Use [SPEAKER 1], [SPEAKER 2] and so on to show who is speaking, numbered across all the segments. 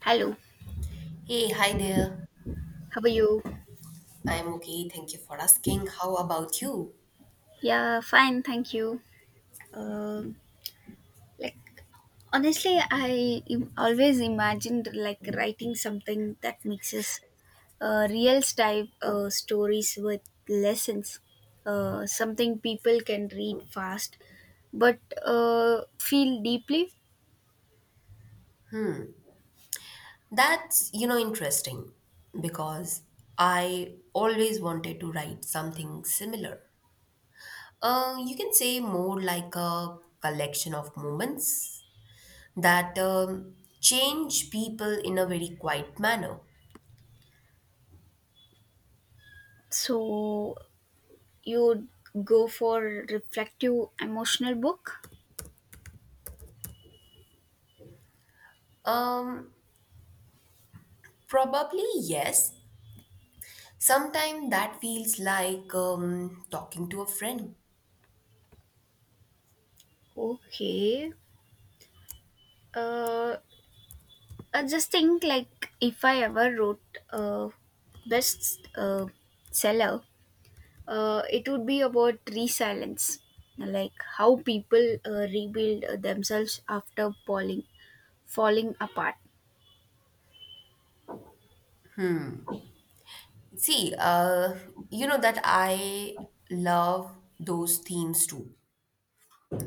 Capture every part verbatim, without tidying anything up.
[SPEAKER 1] Hello,
[SPEAKER 2] Hey, hi there.
[SPEAKER 1] how are you?
[SPEAKER 2] I'm okay. Thank you for asking. How about you?
[SPEAKER 1] Yeah, fine, thank you. Um, like Honestly, I im- always imagined like writing something that mixes uh, real style uh, stories with lessons, uh, something people can read fast, but uh, feel deeply.
[SPEAKER 2] That's, you know, interesting because I always wanted to write something similar. Uh, you can say more like a collection of moments that um, change people in a very quiet manner.
[SPEAKER 1] So you would go for reflective emotional book.
[SPEAKER 2] Um, Probably yes. Sometimes that feels like um, talking to a friend.
[SPEAKER 1] Okay. Uh, I just think like if I ever wrote a best uh, seller, uh, it would be about resilience, like how people uh, rebuild uh, themselves after falling, falling apart.
[SPEAKER 2] See, uh, you know that I love those themes too.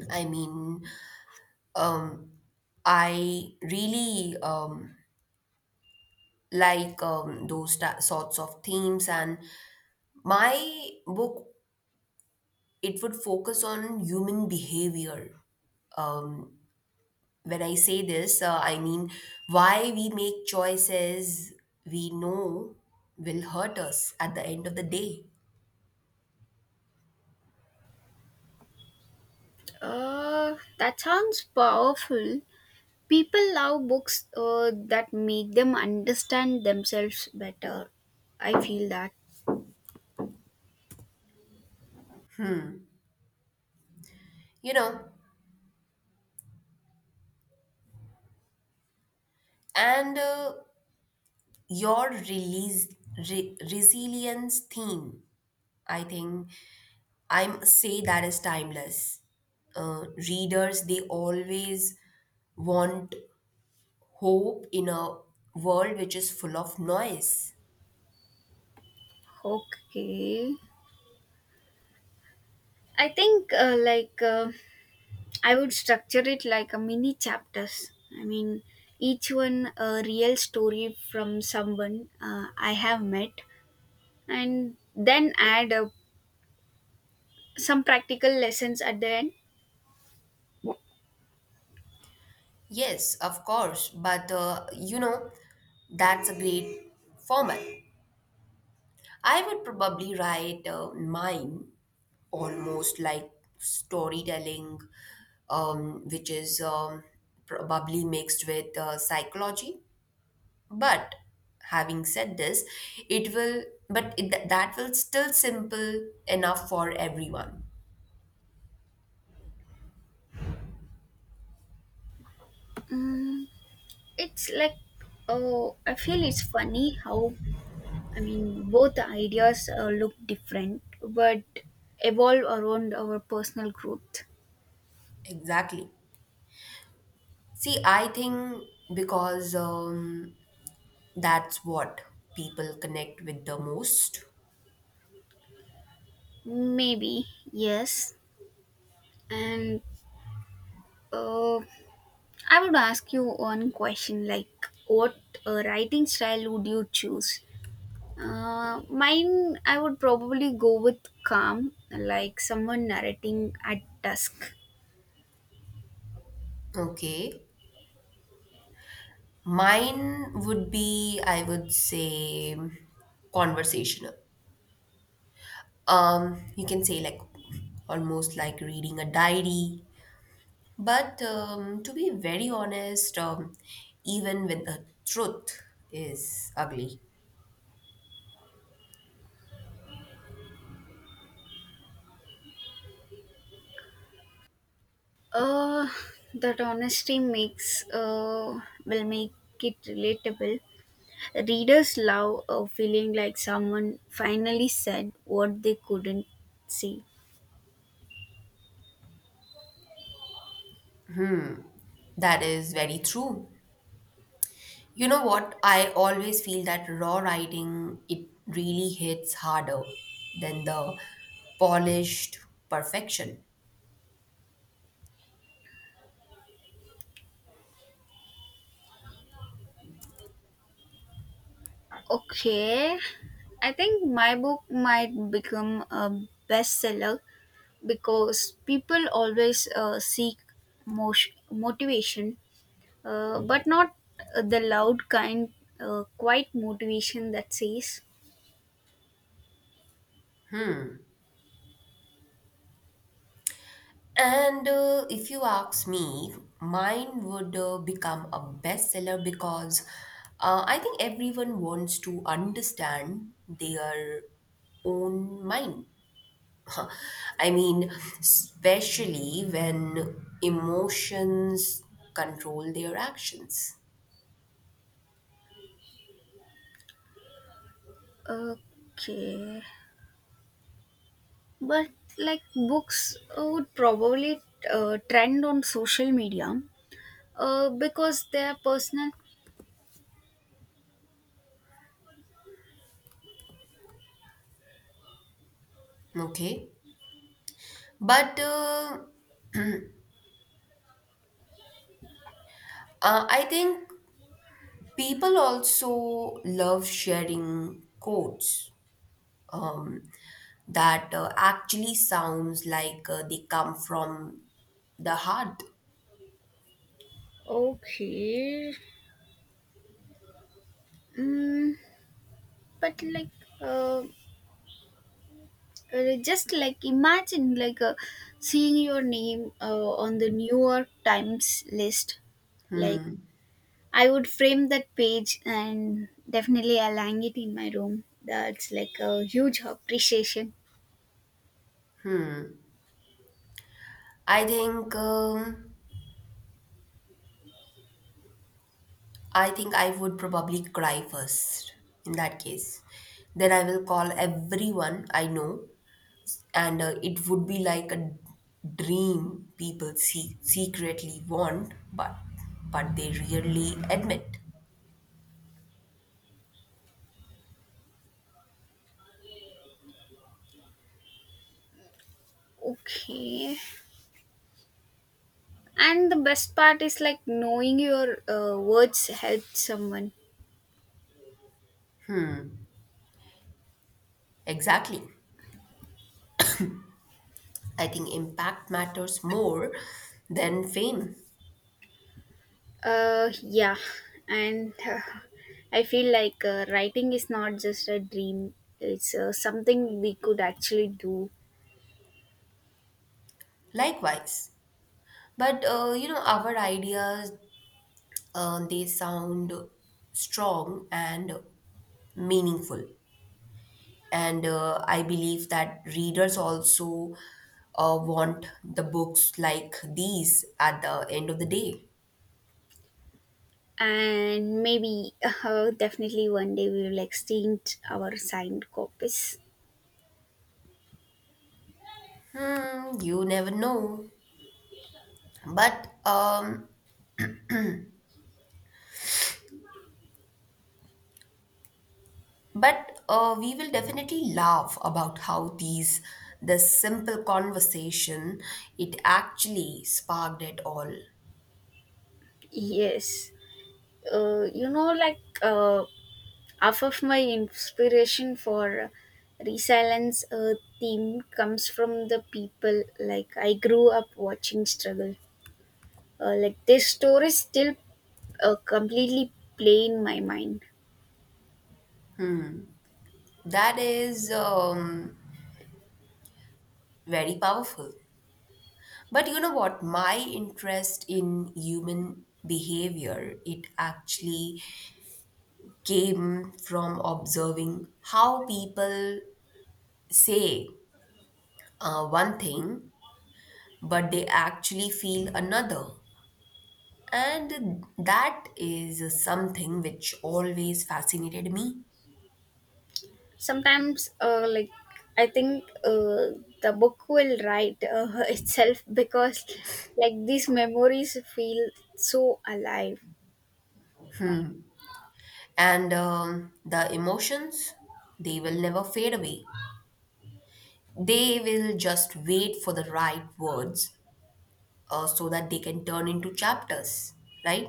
[SPEAKER 2] I mean, um, I really um, like um, those ta- sorts of themes, and my book it would focus on human behavior. Um, when I say this, uh, I mean why we make choices we know will hurt us at the end of the day.
[SPEAKER 1] Uh, that sounds powerful. People love books uh, that make them understand themselves better. I feel that.
[SPEAKER 2] You know, and uh, your release re- resilience theme, I think I'm say that is timeless. Uh, readers, they always want hope in a world which is full of noise.
[SPEAKER 1] Okay. I think uh, like uh, I would structure it like a mini chapters. I mean, each one a real story from someone uh, I have met, and then add uh, some practical lessons at the end.
[SPEAKER 2] Yes, of course, but uh, you know, that's a great format. I would probably write uh, mine almost like storytelling, um, which is um, probably mixed with uh, psychology. But having said this, it will, but it, that will still simple enough for everyone.
[SPEAKER 1] Mm, it's like, oh, I feel it's funny how, I mean, both ideas uh, look different, but evolve around our personal growth.
[SPEAKER 2] Exactly. See, I think because um, that's what people connect with the most.
[SPEAKER 1] Maybe yes, and uh, I would ask you one question, like, what uh, writing style would you choose? Uh, mine, I would probably go with calm, like someone narrating at dusk.
[SPEAKER 2] Okay. Mine would be, I would say, conversational. Um you can say like almost like reading a diary, but um, to be very honest, um, even when the truth is ugly.
[SPEAKER 1] Uh, that honesty makes uh, will make it relatable. Readers love uh, feeling like someone finally said what they couldn't say.
[SPEAKER 2] That is very true. You know what? I always feel that raw writing, it really hits harder than the polished perfection.
[SPEAKER 1] Okay, I think my book might become a bestseller because people always uh, seek motion, motivation, uh, but not uh, the loud kind, uh, quiet motivation that says,
[SPEAKER 2] And uh, if you ask me, mine would uh, become a bestseller because uh, I think everyone wants to understand their own mind. I mean, especially when emotions control their actions.
[SPEAKER 1] okay. But like books uh, would probably uh, trend on social media uh, because they are personal.
[SPEAKER 2] Okay. But uh, uh, I think people also love sharing quotes. Um, that uh, actually sounds like uh, they come from the heart.
[SPEAKER 1] Okay. Mm, but like, uh, Uh, just like imagine like uh, seeing your name uh, on the New York Times list. Like I would frame that page and definitely I'll hang it in my room. That's like a huge appreciation.
[SPEAKER 2] I think um, I think I would probably cry first in that case. Then I will call everyone I know, and uh, it would be like a dream people see, secretly want, but but they rarely admit.
[SPEAKER 1] Okay. And the best part is like knowing your uh, words help someone.
[SPEAKER 2] Exactly. I think impact matters more than fame.
[SPEAKER 1] Uh, yeah. And uh, I feel like uh, writing is not just a dream, it's uh, something we could actually do.
[SPEAKER 2] Likewise. But uh, you know, our ideas uh, they sound strong and meaningful. And uh, I believe that readers also uh, want the books like these at the end of the day.
[SPEAKER 1] And maybe uh, definitely one day we will exchange our signed copies.
[SPEAKER 2] Hmm, you never know. But um, but uh, we will definitely laugh about how these the simple conversation, it actually sparked it all.
[SPEAKER 1] Yes. uh, you know like uh, Half of my inspiration for resilience uh, theme comes from the people like I grew up watching struggle. Uh, like their stories still uh, completely play in my mind.
[SPEAKER 2] That is um, very powerful. But you know what? My interest in human behavior, it actually came from observing how people say uh, one thing, but they actually feel another. And that is something which always fascinated me.
[SPEAKER 1] Sometimes uh, like I think uh, the book will write uh, itself because like these memories feel so alive.
[SPEAKER 2] And um, the emotions, they will never fade away. They will just wait for the right words uh, so that they can turn into chapters, right?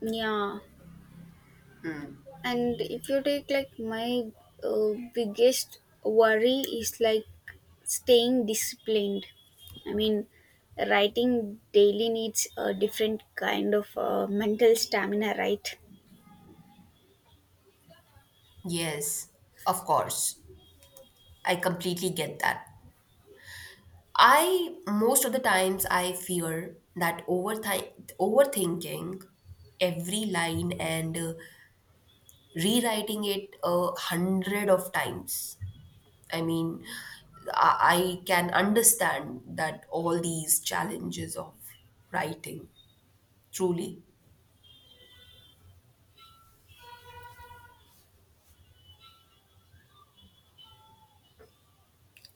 [SPEAKER 1] Yeah, and if you take like my uh, biggest worry is like staying disciplined. I mean, writing daily needs a different kind of uh, mental stamina, right?
[SPEAKER 2] Yes, of course. I completely get that. I most of the times I fear that overthi- overthinking every line and uh, rewriting it a hundred of times. I mean, I, I can understand that all these challenges of writing truly.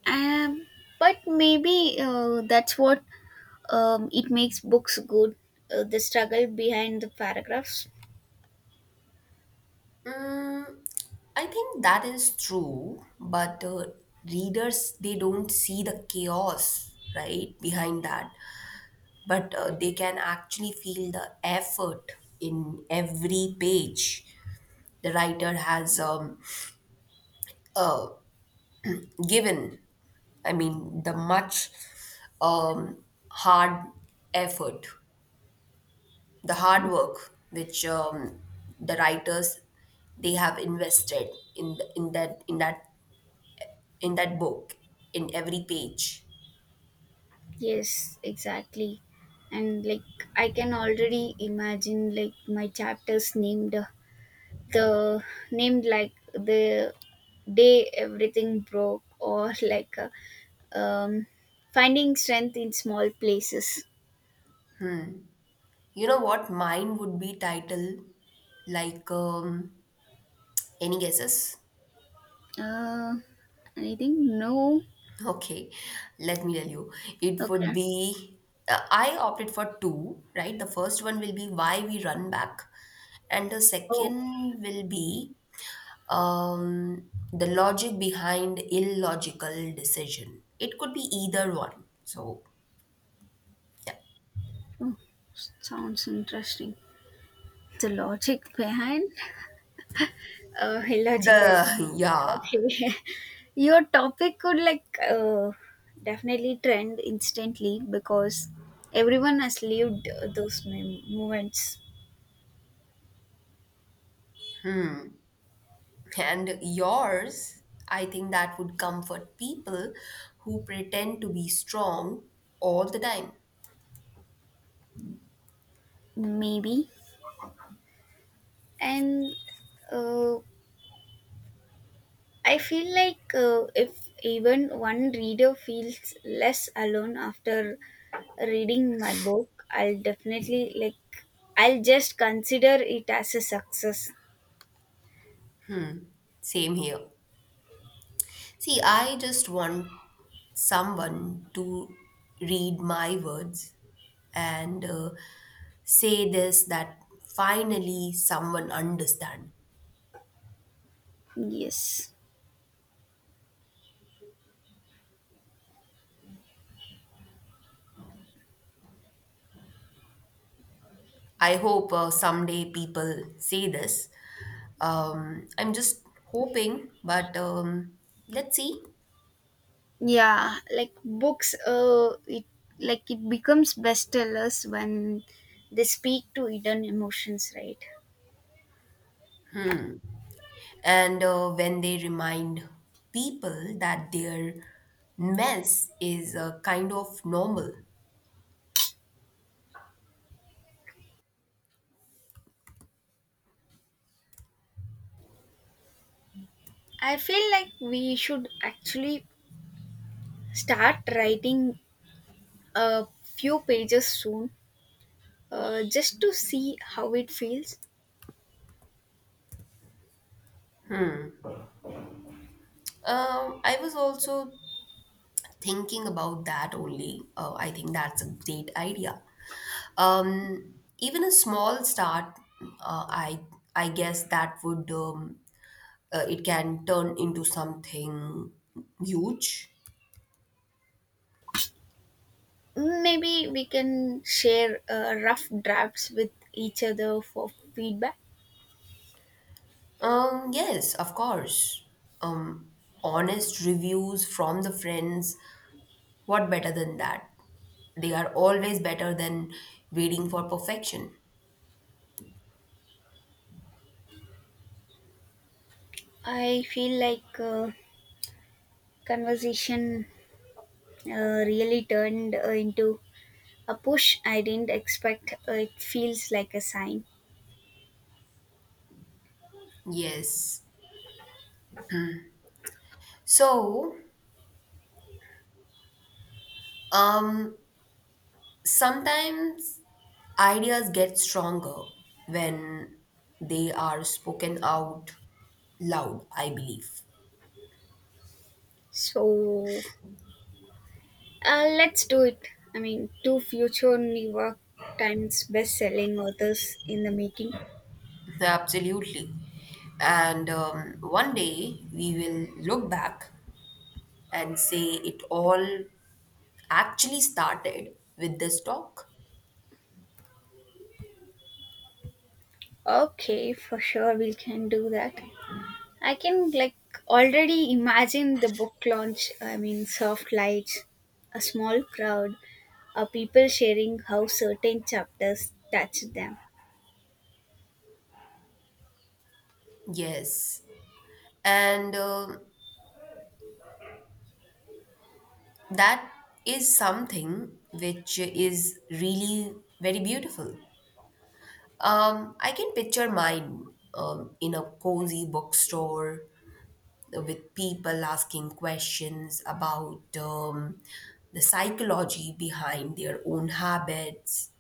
[SPEAKER 1] um, but maybe uh, that's what, um, it makes books good, uh, the struggle behind the paragraphs.
[SPEAKER 2] Mm, I think that is true, but uh, readers, they don't see the chaos right behind that, but uh, they can actually feel the effort in every page the writer has um, given. I mean, the much um, hard effort, the hard work which um, the writers they have invested in the, in that in that in that book, in every page.
[SPEAKER 1] Yes, exactly. And like I can already imagine like my chapters named uh, the named like the day everything broke, or like uh, um, finding strength in small places.
[SPEAKER 2] You know what? Mine would be titled like um, any guesses?
[SPEAKER 1] uh, I think no.
[SPEAKER 2] Okay, let me tell you. It would
[SPEAKER 1] Okay.
[SPEAKER 2] be uh, I opted for two, right? The first one will be why we run back, and the
[SPEAKER 1] Oh,
[SPEAKER 2] second will be um, the logic behind illogical decision. It could be either one. So yeah,
[SPEAKER 1] oh, sounds interesting, the logic behind uh, illogical.
[SPEAKER 2] the yeah.
[SPEAKER 1] Okay. Your topic could like uh, definitely trend instantly because everyone has lived those mem- moments,
[SPEAKER 2] And yours, I think that would comfort people who pretend to be strong all the time.
[SPEAKER 1] maybe. And uh, I feel like uh, if even one reader feels less alone after reading my book, I'll definitely like, I'll just consider it as a success.
[SPEAKER 2] Same here. See, I just want someone to read my words and uh, say this, that finally someone understand.
[SPEAKER 1] Yes.
[SPEAKER 2] I hope uh, someday people say this. Um, I'm just hoping, but um, let's see.
[SPEAKER 1] Yeah, like books, uh it like it becomes bestsellers when they speak to hidden emotions, right?
[SPEAKER 2] And uh, when they remind people that their mess is a kind of normal.
[SPEAKER 1] I feel like we should actually start writing a few pages soon, uh, just to see how it feels.
[SPEAKER 2] Um, I was also thinking about that only. Uh, I think that's a great idea. Um, even a small start, uh, I I guess that would um, uh, it can turn into something huge.
[SPEAKER 1] Maybe we can share uh, rough drafts with each other for feedback.
[SPEAKER 2] Um, yes, of course. Um, Honest reviews from the friends. What better than that? They are always better than waiting for perfection.
[SPEAKER 1] I feel like uh, conversation uh, really turned uh, into a push I didn't expect. Uh, It feels like a sign.
[SPEAKER 2] Yes. So, um, sometimes ideas get stronger when they are spoken out loud, I believe.
[SPEAKER 1] So uh, let's do it. I mean, two future New York Times best-selling authors in the making.
[SPEAKER 2] Absolutely. And um, one day we will look back and say it all actually started with this talk.
[SPEAKER 1] Okay, for sure we can do that. I can like already imagine the book launch. I mean, soft lights, a small crowd, uh, people sharing how certain chapters touched them.
[SPEAKER 2] Yes. And um that is something which is really very beautiful. Um, I can picture mine um, in a cozy bookstore with people asking questions about um, the psychology behind their own habits.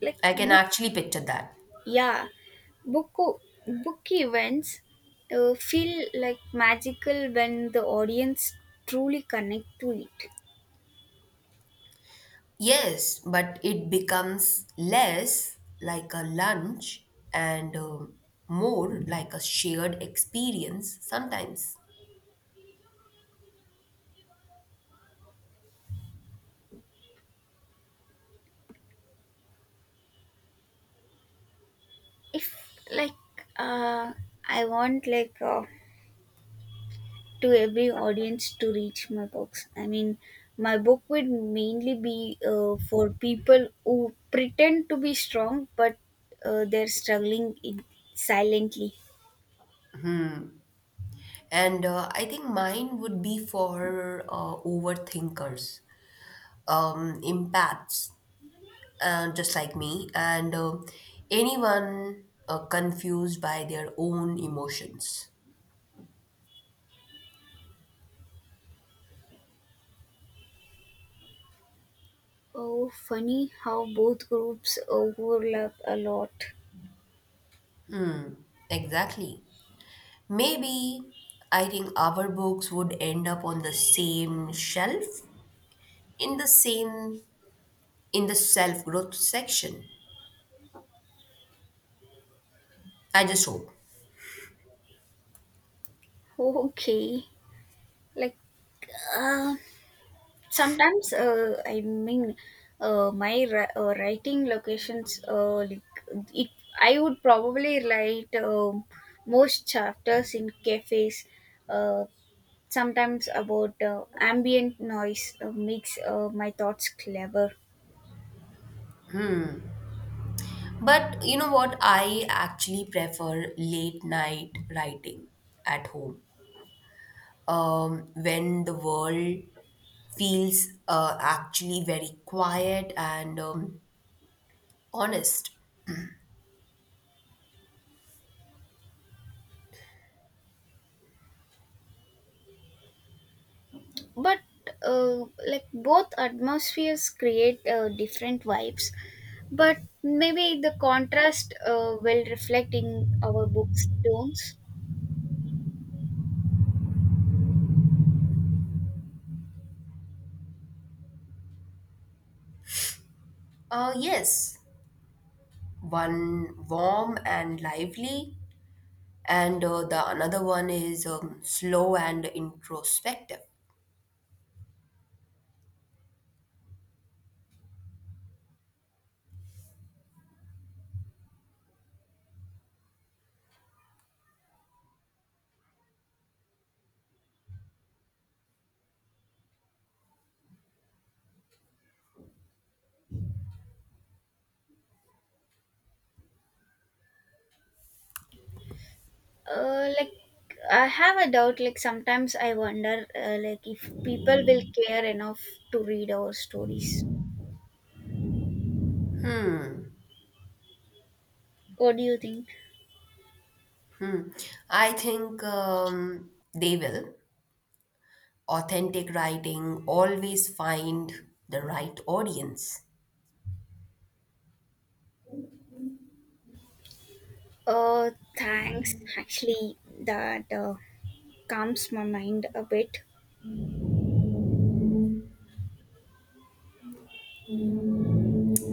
[SPEAKER 1] Like
[SPEAKER 2] I can
[SPEAKER 1] book
[SPEAKER 2] actually picture that.
[SPEAKER 1] Yeah, book book events uh, feel like magical when the audience truly connect to it.
[SPEAKER 2] Yes, but it becomes less like a lunch and um, more like a shared experience sometimes.
[SPEAKER 1] If like uh, I want like uh, to every audience to reach my books. I mean, my book would mainly be uh, for people who pretend to be strong, but uh, they're struggling in silently.
[SPEAKER 2] And uh, I think mine would be for uh, overthinkers, um, empaths, uh, just like me, and um anyone uh, confused by their own emotions.
[SPEAKER 1] Oh, funny how both groups overlap a lot.
[SPEAKER 2] Exactly. Maybe I think our books would end up on the same shelf in the same in the self growth section. I just hope.
[SPEAKER 1] Okay, like uh, sometimes uh, I mean, uh, my ri- uh, writing locations uh, like it, I would probably write um most chapters in cafes, uh, sometimes about uh, ambient noise uh, makes uh, my thoughts clever.
[SPEAKER 2] But you know what? I actually prefer late night writing at home um, when the world feels uh, actually very quiet and um, honest.
[SPEAKER 1] But uh, like both atmospheres create uh, different vibes, but maybe the contrast uh, will reflect in our books tones.
[SPEAKER 2] Uh, yes, one warm and lively, and uh, the another one is um, slow and introspective.
[SPEAKER 1] Uh, like I have a doubt. Like sometimes I wonder, uh, like if people will care enough to read our stories. What do you think?
[SPEAKER 2] Hmm. I think um, they will. Authentic writing always find the right audience.
[SPEAKER 1] Uh, Thanks. Actually, that uh, calms my mind a bit.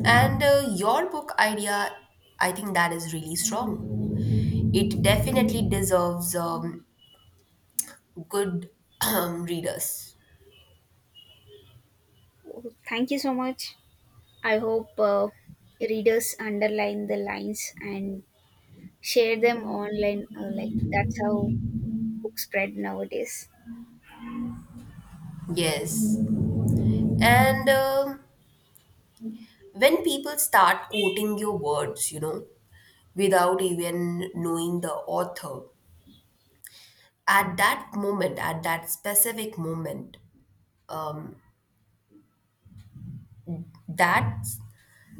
[SPEAKER 2] And uh, your book idea, I think that is really strong. It definitely deserves um, good readers.
[SPEAKER 1] Oh, thank you so much. I hope uh, readers underline the lines and share them online. Uh, like that's how books spread nowadays.
[SPEAKER 2] Yes. And um, when people start quoting your words, you know, without even knowing the author, at that moment, at that specific moment, um, that's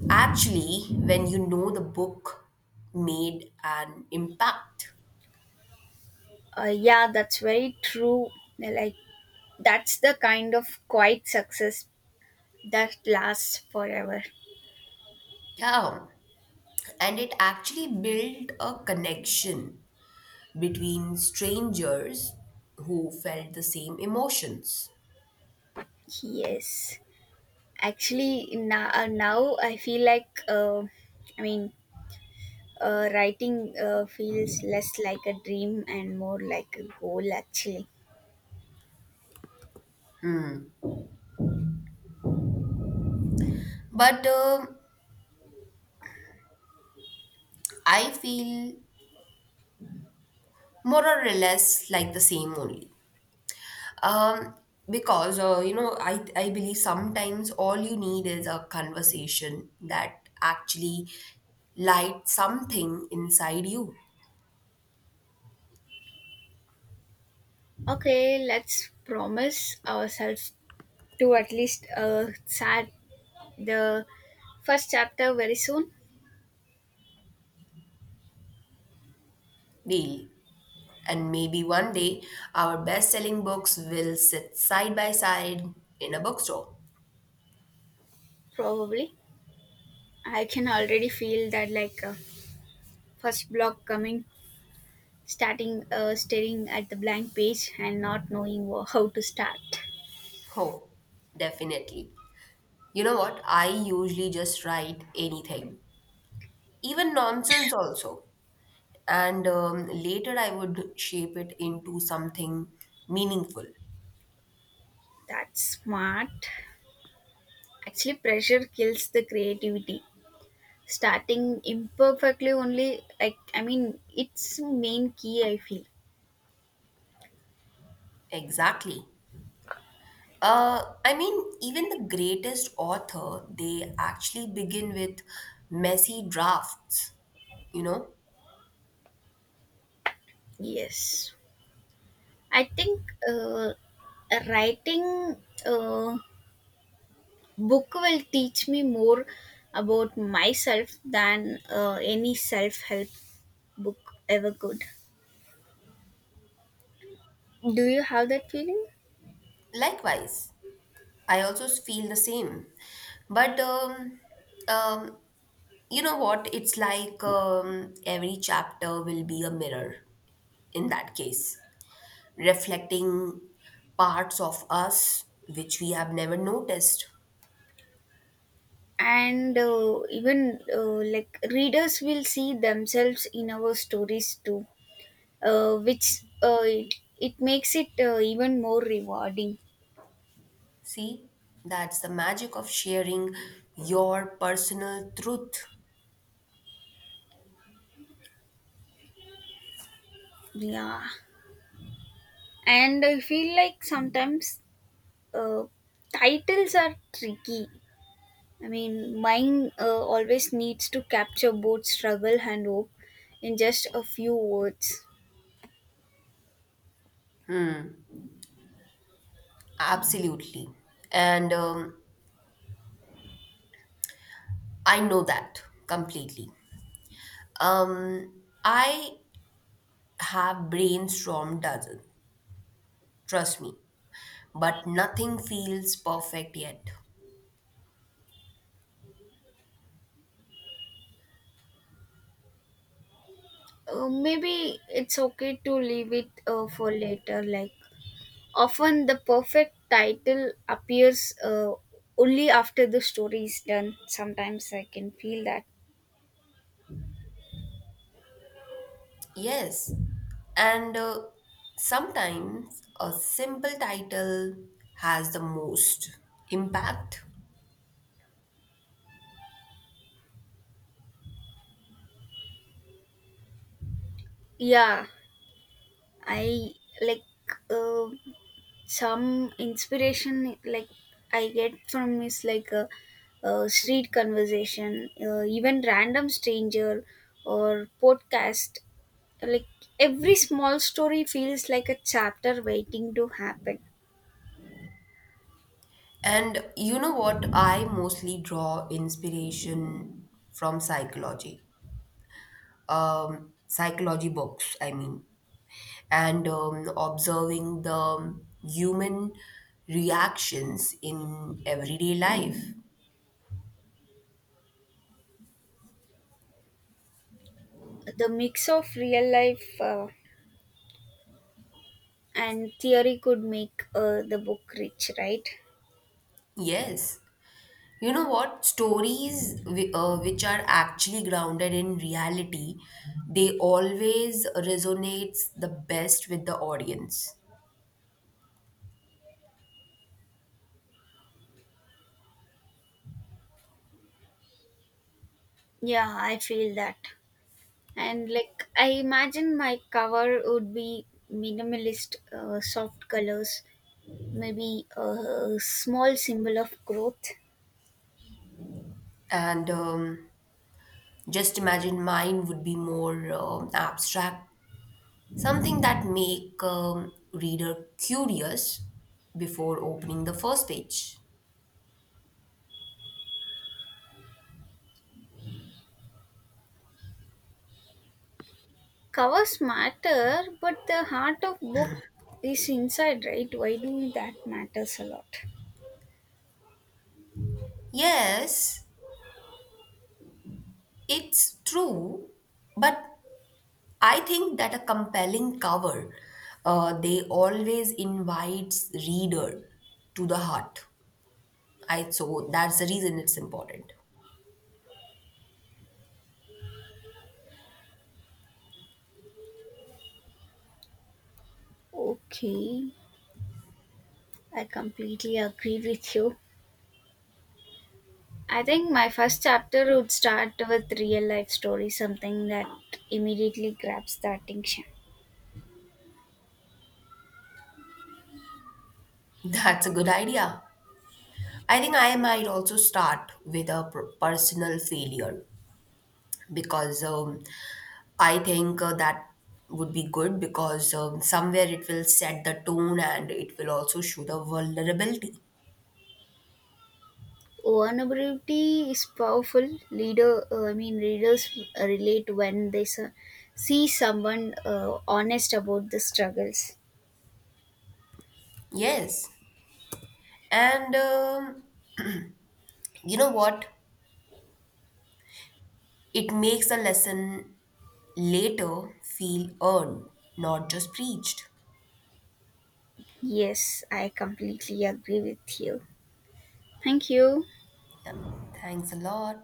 [SPEAKER 2] actually when you know the book made an impact.
[SPEAKER 1] Uh, yeah, that's very true. Like that's the kind of quiet success that lasts forever.
[SPEAKER 2] Yeah. And it actually built a connection between strangers who felt the same emotions.
[SPEAKER 1] Yes, actually, now, uh, now I feel like uh, I mean, uh, writing uh, feels less like a dream and more like a goal. Actually,
[SPEAKER 2] But um I feel more or less like the same only. Um, because, uh, you know, I, I believe sometimes all you need is a conversation that actually lights something inside you
[SPEAKER 1] okay, let's promise ourselves to at least uh, start the first chapter very soon.
[SPEAKER 2] daily. And maybe one day our best selling books will sit side by side in a bookstore.
[SPEAKER 1] Probably, I can already feel that like uh, first block coming, starting uh, staring at the blank page and not knowing wha- how to start.
[SPEAKER 2] Oh, definitely. You know what? I usually just write anything, even nonsense also. And um, later I would shape it into something meaningful.
[SPEAKER 1] That's smart. Actually pressure kills the creativity. Starting imperfectly only, like, I mean, it's main key, I feel.
[SPEAKER 2] Exactly. Uh, I mean, even the greatest author, they actually begin with messy drafts, you know?
[SPEAKER 1] Yes, I think uh, writing uh, book will teach me more about myself than uh, any self-help book ever could. Do you have that feeling?
[SPEAKER 2] Likewise, I also feel the same. But, um, um, you know what? It's like um, every chapter will be a mirror in that case, reflecting parts of us which we have never noticed.
[SPEAKER 1] And uh, even uh, like readers will see themselves in our stories too, uh, which uh, it, it makes it uh, even more rewarding.
[SPEAKER 2] See, that's the magic of sharing your personal truth.
[SPEAKER 1] Yeah, and I feel like sometimes uh, titles are tricky. I mean, mine uh, always needs to capture both struggle and hope in just a few words.
[SPEAKER 2] Absolutely. And um, I know that completely. Um, I have brainstormed dozen, trust me, but nothing feels perfect yet.
[SPEAKER 1] Uh, maybe it's okay to leave it uh, for later. Like often, the perfect title appears uh, only after the story is done. Sometimes I can feel that.
[SPEAKER 2] Yes, and uh, sometimes a simple title has the most impact.
[SPEAKER 1] Yeah, I like uh, some inspiration like I get from is like a, a street conversation, uh, even random stranger or podcast. Like every small story feels like a chapter waiting to happen.
[SPEAKER 2] And you know what? I mostly draw inspiration from psychology, um, psychology books, I mean, and um, observing the human reactions in everyday life.
[SPEAKER 1] The mix of real life. Uh, and theory could make uh, the book rich, right?
[SPEAKER 2] Yes. You know what? Stories whi- uh, which are actually grounded in reality, they always resonates the best with the audience.
[SPEAKER 1] Yeah, I feel that. And like I imagine my cover would be minimalist, uh, soft colors, maybe a small symbol of growth.
[SPEAKER 2] And um, just imagine mine would be more um, abstract, something that make um, reader curious before opening the first page.
[SPEAKER 1] Covers matter, but the heart of book is inside, right? Why do that matters a lot.
[SPEAKER 2] Yes, it's true, but I think that a compelling cover, uh, they always invites reader to the heart. I so that's the reason it's important.
[SPEAKER 1] Okay, I completely agree with you. I think my first chapter would start with real life story, something that immediately grabs the attention.
[SPEAKER 2] That's a good idea. I think I might also start with a per- personal failure because um, I think uh, that would be good because um, somewhere it will set the tone and it will also show the vulnerability.
[SPEAKER 1] Vulnerability is powerful. Leader, uh, I mean, readers relate when they s- see someone uh, honest about the struggles.
[SPEAKER 2] Yes. And um, you know what? It makes a lesson later feel earned, not just preached.
[SPEAKER 1] Yes, I completely agree with you. Thank you.
[SPEAKER 2] Yeah, thanks a lot.